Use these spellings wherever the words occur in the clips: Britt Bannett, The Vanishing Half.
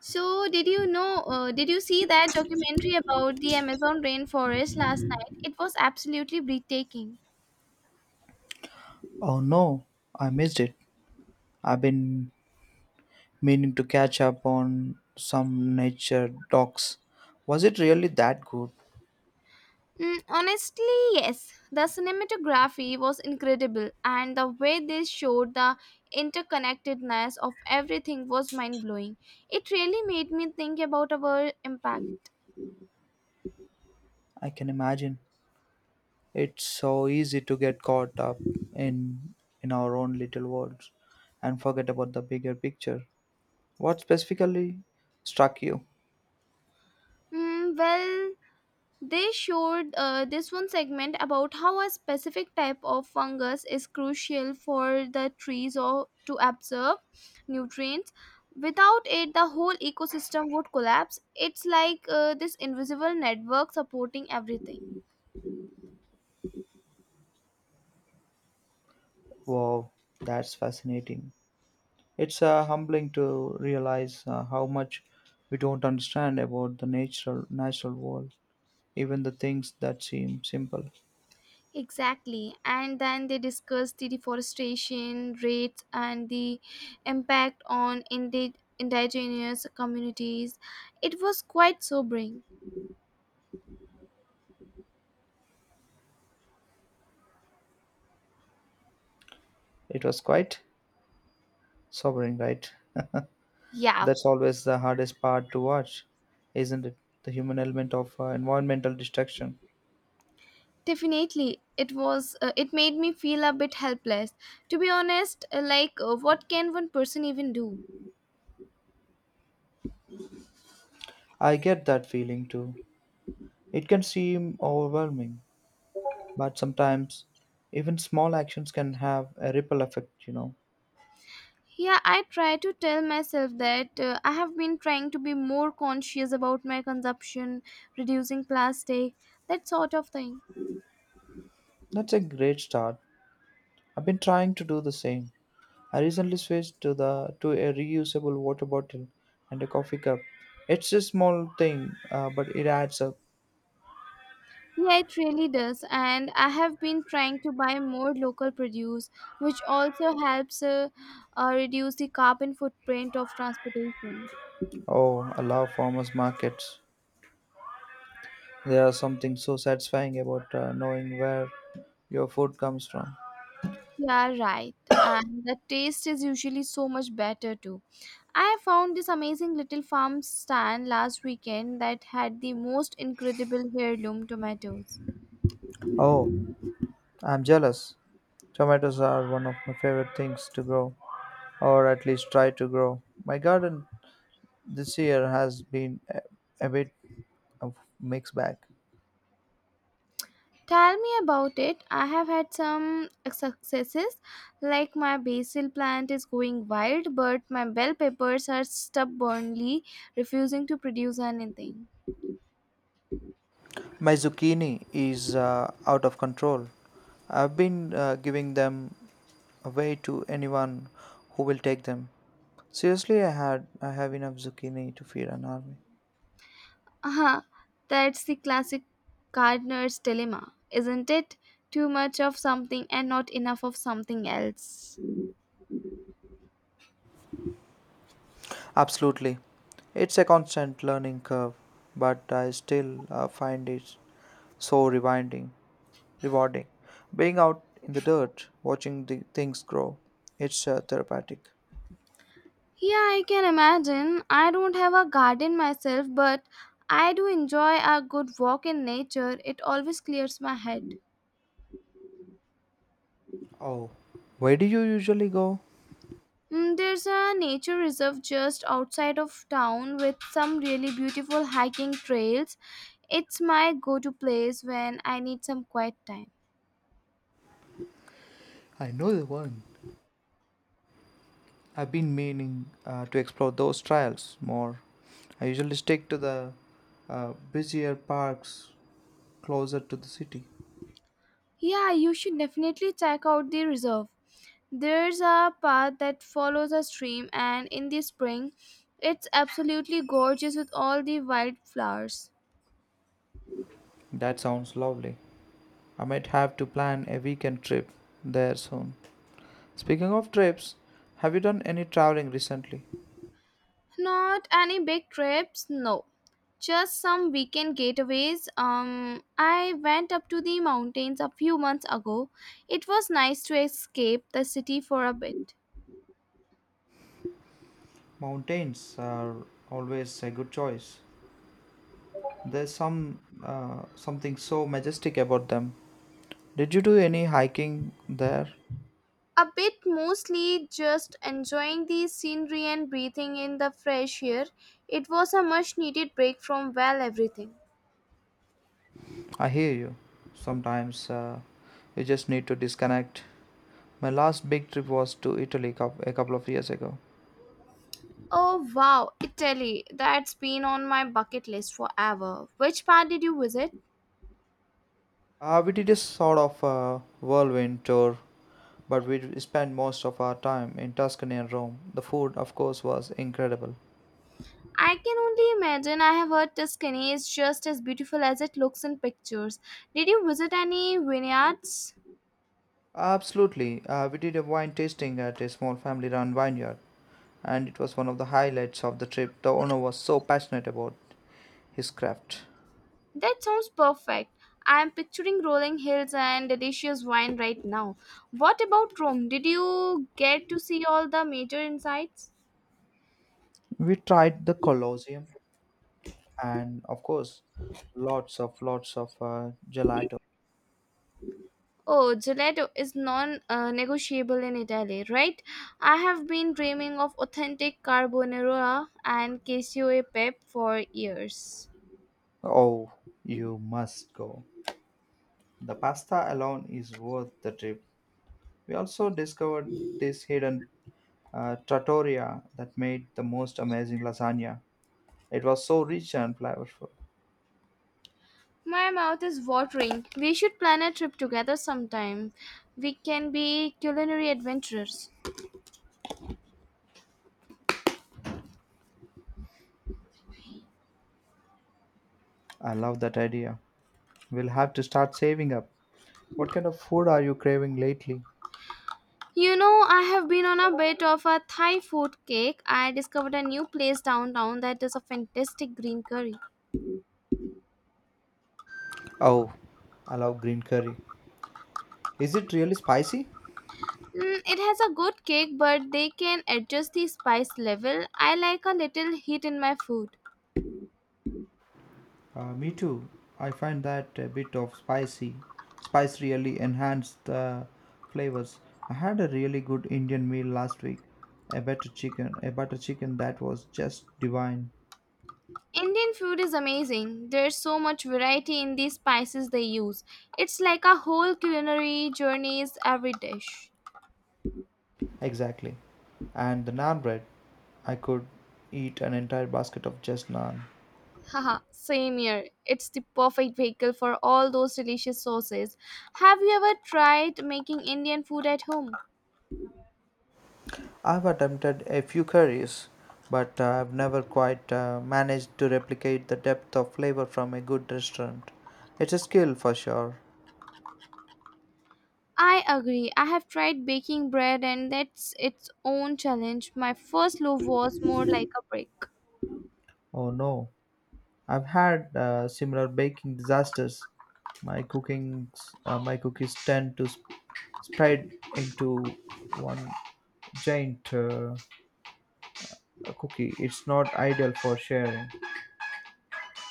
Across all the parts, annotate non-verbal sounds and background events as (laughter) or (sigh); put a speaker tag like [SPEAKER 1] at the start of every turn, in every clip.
[SPEAKER 1] Did you see that documentary about the Amazon rainforest last night? It was absolutely breathtaking.
[SPEAKER 2] Oh no, I missed it. I've been meaning to catch up on some nature docs. Was it really that good?
[SPEAKER 1] Mm, honestly, yes. The cinematography was incredible, and the way they showed the interconnectedness of everything was mind blowing. It really made me think about our impact.
[SPEAKER 2] I can imagine. It's so easy to get caught up in in our own little worlds and forget about the bigger picture. What specifically struck you?
[SPEAKER 1] Mm, well, they showed this one segment about how a specific type of fungus is crucial for the trees or to absorb nutrients. Without it, the whole ecosystem would collapse. It's like this invisible network supporting everything.
[SPEAKER 2] Wow, that's fascinating. It's humbling to realize how much we don't understand about the natural world, even the things that seem simple.
[SPEAKER 1] Exactly. And then they discussed the deforestation rates and the impact on indigenous communities. It was quite sobering.
[SPEAKER 2] It was quite sobering, right? (laughs)
[SPEAKER 1] Yeah,
[SPEAKER 2] That's always the hardest part to watch, isn't it? The human element of environmental destruction.
[SPEAKER 1] definitely, it was. It made me feel a bit helpless. To be honest, like, what can one person even do?
[SPEAKER 2] I get that feeling too. It can seem overwhelming, but sometimes even small actions can have a ripple effect.
[SPEAKER 1] Yeah, I try to tell myself that. I have been trying to be more conscious about my consumption, reducing plastic, that sort of thing.
[SPEAKER 2] That's a great start. I've been trying to do the same. I recently switched to the to a reusable water bottle and a coffee cup. It's a small thing, but it adds up.
[SPEAKER 1] Yeah, it really does. And I have been trying to buy more local produce, which also helps reduce the carbon footprint of transportation.
[SPEAKER 2] Oh, I love farmers markets. There is something so satisfying about knowing where your food comes from.
[SPEAKER 1] Yeah, right. And the taste is usually so much better too. I found this amazing little farm stand last weekend that had the most incredible heirloom tomatoes.
[SPEAKER 2] Oh, I'm jealous. Tomatoes are one of my favorite things to grow, or at least try to grow. My garden this year has been a bit of mixed bag.
[SPEAKER 1] Tell me about it. I have had some successes, like my basil plant is going wild, but my bell peppers are stubbornly refusing to produce anything.
[SPEAKER 2] My zucchini is out of control. I've been giving them away to anyone who will take them. Seriously, I have enough zucchini to feed an army.
[SPEAKER 1] Uh-huh. That's the classic gardener's dilemma, isn't it? Too much of something and not enough of something else.
[SPEAKER 2] Absolutely. It's a constant learning curve, but I still find it so rewarding. Being out in the dirt, watching the things grow, it's therapeutic.
[SPEAKER 1] Yeah, I can imagine. I don't have a garden myself, but I do enjoy a good walk in nature. It always clears my head.
[SPEAKER 2] Oh, where do you usually go?
[SPEAKER 1] Mm, there's a nature reserve just outside of town with some really beautiful hiking trails. It's my go to place when I need some quiet time.
[SPEAKER 2] I know the one. I've been meaning to explore those trails more. I usually stick to the busier parks closer to the city.
[SPEAKER 1] Yeah, you should definitely check out the reserve. There's a path that follows a stream, and in the spring, it's absolutely gorgeous with all the wildflowers.
[SPEAKER 2] That sounds lovely. I might have to plan a weekend trip there soon. Speaking of trips, have you done any traveling recently?
[SPEAKER 1] Not any big trips, no. Just some weekend getaways. I went up to the mountains a few months ago. It was nice to escape the city for a bit.
[SPEAKER 2] Mountains are always a good choice. There's something so majestic about them. Did you do any hiking there?
[SPEAKER 1] A bit, mostly just enjoying the scenery and breathing in the fresh air. It was a much needed break from well everything.
[SPEAKER 2] I hear you. Sometimes you just need to disconnect. My last big trip was to Italy a couple of years ago.
[SPEAKER 1] Oh wow, Italy. That's been on my bucket list forever. Which part did you visit?
[SPEAKER 2] We did a sort of whirlwind tour, but we spent most of our time in Tuscany and Rome. The food, of course, was incredible.
[SPEAKER 1] I can only imagine. I have heard Tuscany is just as beautiful as it looks in pictures. Did you visit any vineyards?
[SPEAKER 2] Absolutely. We did a wine tasting at a small family run vineyard, and it was one of the highlights of the trip. The owner was so passionate about his craft.
[SPEAKER 1] That sounds perfect. I am picturing rolling hills and delicious wine right now. What about Rome? Did you get to see all the major insights?
[SPEAKER 2] We tried the Colosseum and, of course, lots of gelato.
[SPEAKER 1] Oh, gelato is non negotiable in Italy, right? I have been dreaming of authentic carbonara and cashew e pepe for years.
[SPEAKER 2] Oh, you must go. The pasta alone is worth the trip. We also discovered this hidden trattoria that made the most amazing lasagna. It was so rich and flavorful.
[SPEAKER 1] My mouth is watering. We should plan a trip together sometime. We can be culinary adventurers.
[SPEAKER 2] I love that idea. We'll have to start saving up. What kind of food are you craving lately?
[SPEAKER 1] You know, I have been on a bit of a Thai food kick. I discovered a new place downtown that is a fantastic green curry.
[SPEAKER 2] Oh, I love green curry. Is it really spicy?
[SPEAKER 1] Mm, it has a good kick, but they can adjust the spice level. I like a little heat in my food.
[SPEAKER 2] Me too. I find that a bit of spicy. Spice really enhances the flavors. I had a really good Indian meal last week. A butter chicken that was just divine.
[SPEAKER 1] Indian food is amazing. There's so much variety in the spices they use. It's like a whole culinary journeys every dish.
[SPEAKER 2] Exactly. And the naan bread. I could eat an entire basket of just naan.
[SPEAKER 1] Haha, same here. It's the perfect vehicle for all those delicious sauces. Have you ever tried making Indian food at home?
[SPEAKER 2] I've attempted a few curries, but I've never quite managed to replicate the depth of flavor from a good restaurant. It's a skill for sure.
[SPEAKER 1] I agree. I have tried baking bread and that's its own challenge. My first loaf was more like a brick.
[SPEAKER 2] Oh no, I've had similar baking disasters. My cookies tend to spread into one giant cookie. It's not ideal for sharing.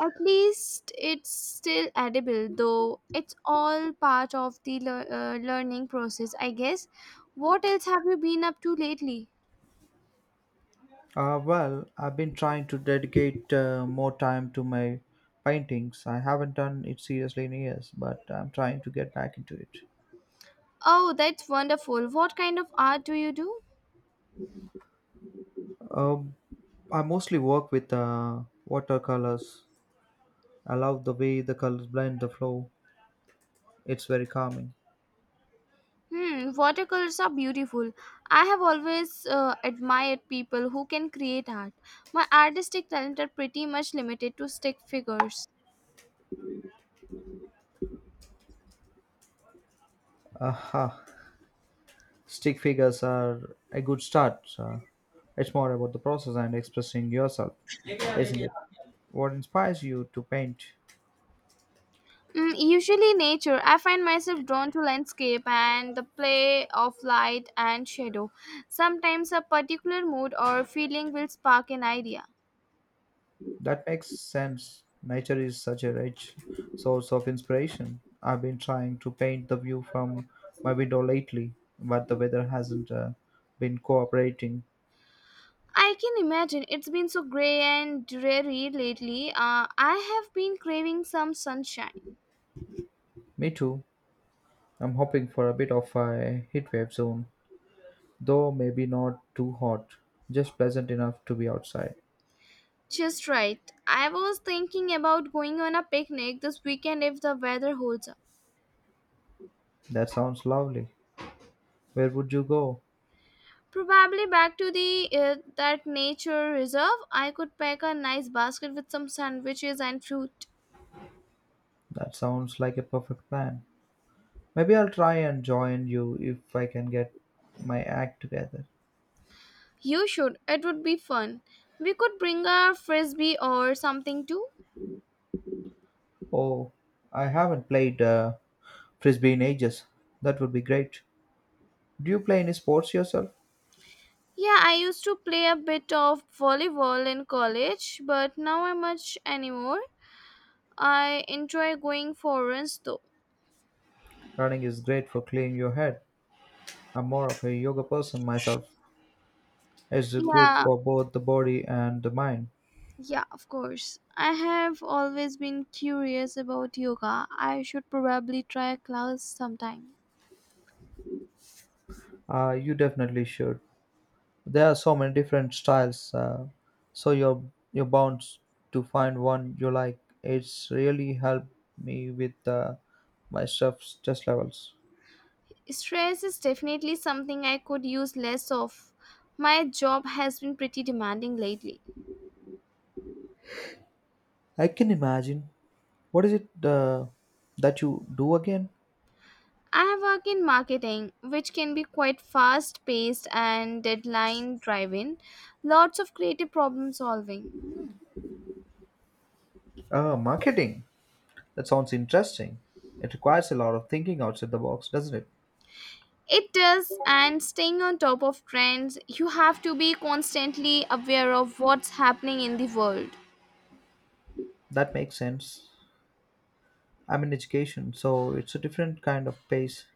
[SPEAKER 1] At least it's still edible, though it's all part of the learning process, I guess. What else have you been up to lately?
[SPEAKER 2] I've been trying to dedicate more time to my paintings. I haven't done it seriously in years, but I'm trying to get back into it.
[SPEAKER 1] Oh, that's wonderful. What kind of art do you do?
[SPEAKER 2] Um, I mostly work with watercolors. I love the way the colors blend the flow. It's very calming.
[SPEAKER 1] Hmm, watercolors are beautiful. I have always admired people who can create art. My artistic talent are pretty much limited to stick figures.
[SPEAKER 2] Aha, stick figures are a good start. It's more about the process and expressing yourself, isn't it? What inspires you to paint?
[SPEAKER 1] Mm, usually nature. I find myself drawn to landscape and the play of light and shadow. Sometimes a particular mood or feeling will spark an idea.
[SPEAKER 2] That makes sense. Nature is such a rich source of inspiration. I've been trying to paint the view from my window lately, but the weather hasn't been cooperating.
[SPEAKER 1] I can imagine it's been so gray and dreary lately. I have been craving some sunshine.
[SPEAKER 2] Me too. I'm hoping for a bit of a heatwave soon, though maybe not too hot, just pleasant enough to be outside.
[SPEAKER 1] Just right. I was thinking about going on a picnic this weekend if the weather holds up.
[SPEAKER 2] That sounds lovely. Where would you go?
[SPEAKER 1] Probably back to the that nature reserve. I could pack a nice basket with some sandwiches and fruit.
[SPEAKER 2] That sounds like a perfect plan. Maybe I'll try and join you if I can get my act together.
[SPEAKER 1] You should. It would be fun. We could bring a frisbee or something too.
[SPEAKER 2] Oh, I haven't played frisbee in ages. That would be great. Do you play any sports yourself?
[SPEAKER 1] Yeah, I used to play a bit of volleyball in college, but now I'm much anymore. I enjoy going for runs though.
[SPEAKER 2] Running is great for clearing your head. I'm more of a yoga person myself. It's good
[SPEAKER 1] Yeah,
[SPEAKER 2] for both the body and the mind.
[SPEAKER 1] Yeah, of course. I have always been curious about yoga. I should probably try a class sometime.
[SPEAKER 2] You definitely should. There are so many different styles, so you're bound to find one you like. It's really helped me with my stress levels.
[SPEAKER 1] Stress is definitely something I could use less of. My job has been pretty demanding lately.
[SPEAKER 2] I can imagine. What is it that you do again?
[SPEAKER 1] I work in marketing, which can be quite fast paced and deadline driven. Lots of creative problem solving.
[SPEAKER 2] Marketing. That sounds interesting. It requires a lot of thinking outside the box, doesn't it?
[SPEAKER 1] It does, and staying on top of trends, you have to be constantly aware of what's happening in the world.
[SPEAKER 2] That makes sense. I'm in education, so it's a different kind of pace,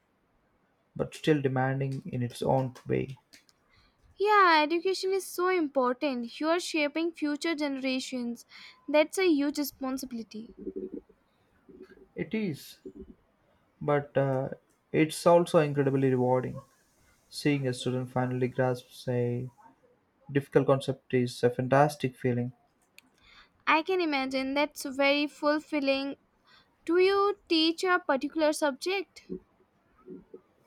[SPEAKER 2] but still demanding in its own way.
[SPEAKER 1] Yeah, education is so important. You are shaping future generations. That's a huge responsibility.
[SPEAKER 2] It is, but it's also incredibly rewarding. Seeing a student finally grasp a difficult concept is a fantastic feeling.
[SPEAKER 1] I can imagine that's very fulfilling. Do you teach a particular subject?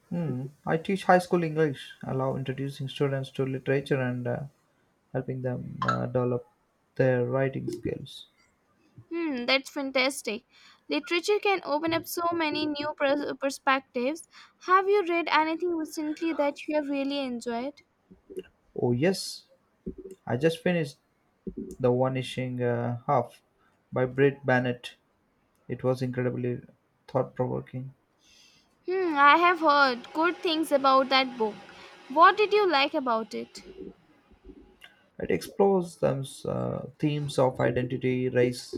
[SPEAKER 2] Hmm. I teach high school English, allow introducing students to literature and helping them develop their writing skills.
[SPEAKER 1] Hmm, that's fantastic. Literature can open up so many new perspectives. Have you read anything recently that you have really enjoyed?
[SPEAKER 2] Oh, yes, I just finished The Vanishing Half by Britt Bannett. It was incredibly thought provoking.
[SPEAKER 1] Hmm, I have heard good things about that book. What did you like about it?
[SPEAKER 2] It explores the themes of identity, race,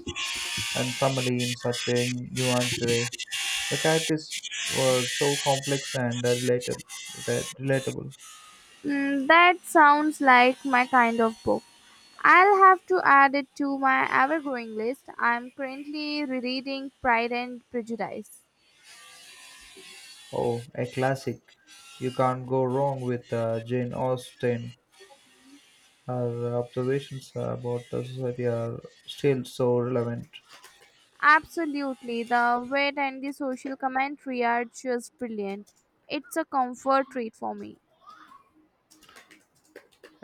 [SPEAKER 2] and family in such a nuanced way. The characters were so complex and relatable.
[SPEAKER 1] Hmm, that sounds like my kind of book. I'll have to add it to my ever growing list. I'm currently rereading Pride and Prejudice.
[SPEAKER 2] Oh, a classic. You can't go wrong with Jane Austen. Her observations about society are still so relevant.
[SPEAKER 1] Absolutely, the wit and the social commentary are just brilliant. It's a comfort read for me.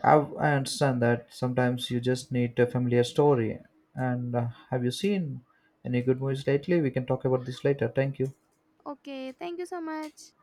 [SPEAKER 2] I understand that sometimes you just need a familiar story. And have you seen any good movies lately? We can talk about this later. Thank you.
[SPEAKER 1] Okay, thank you so much.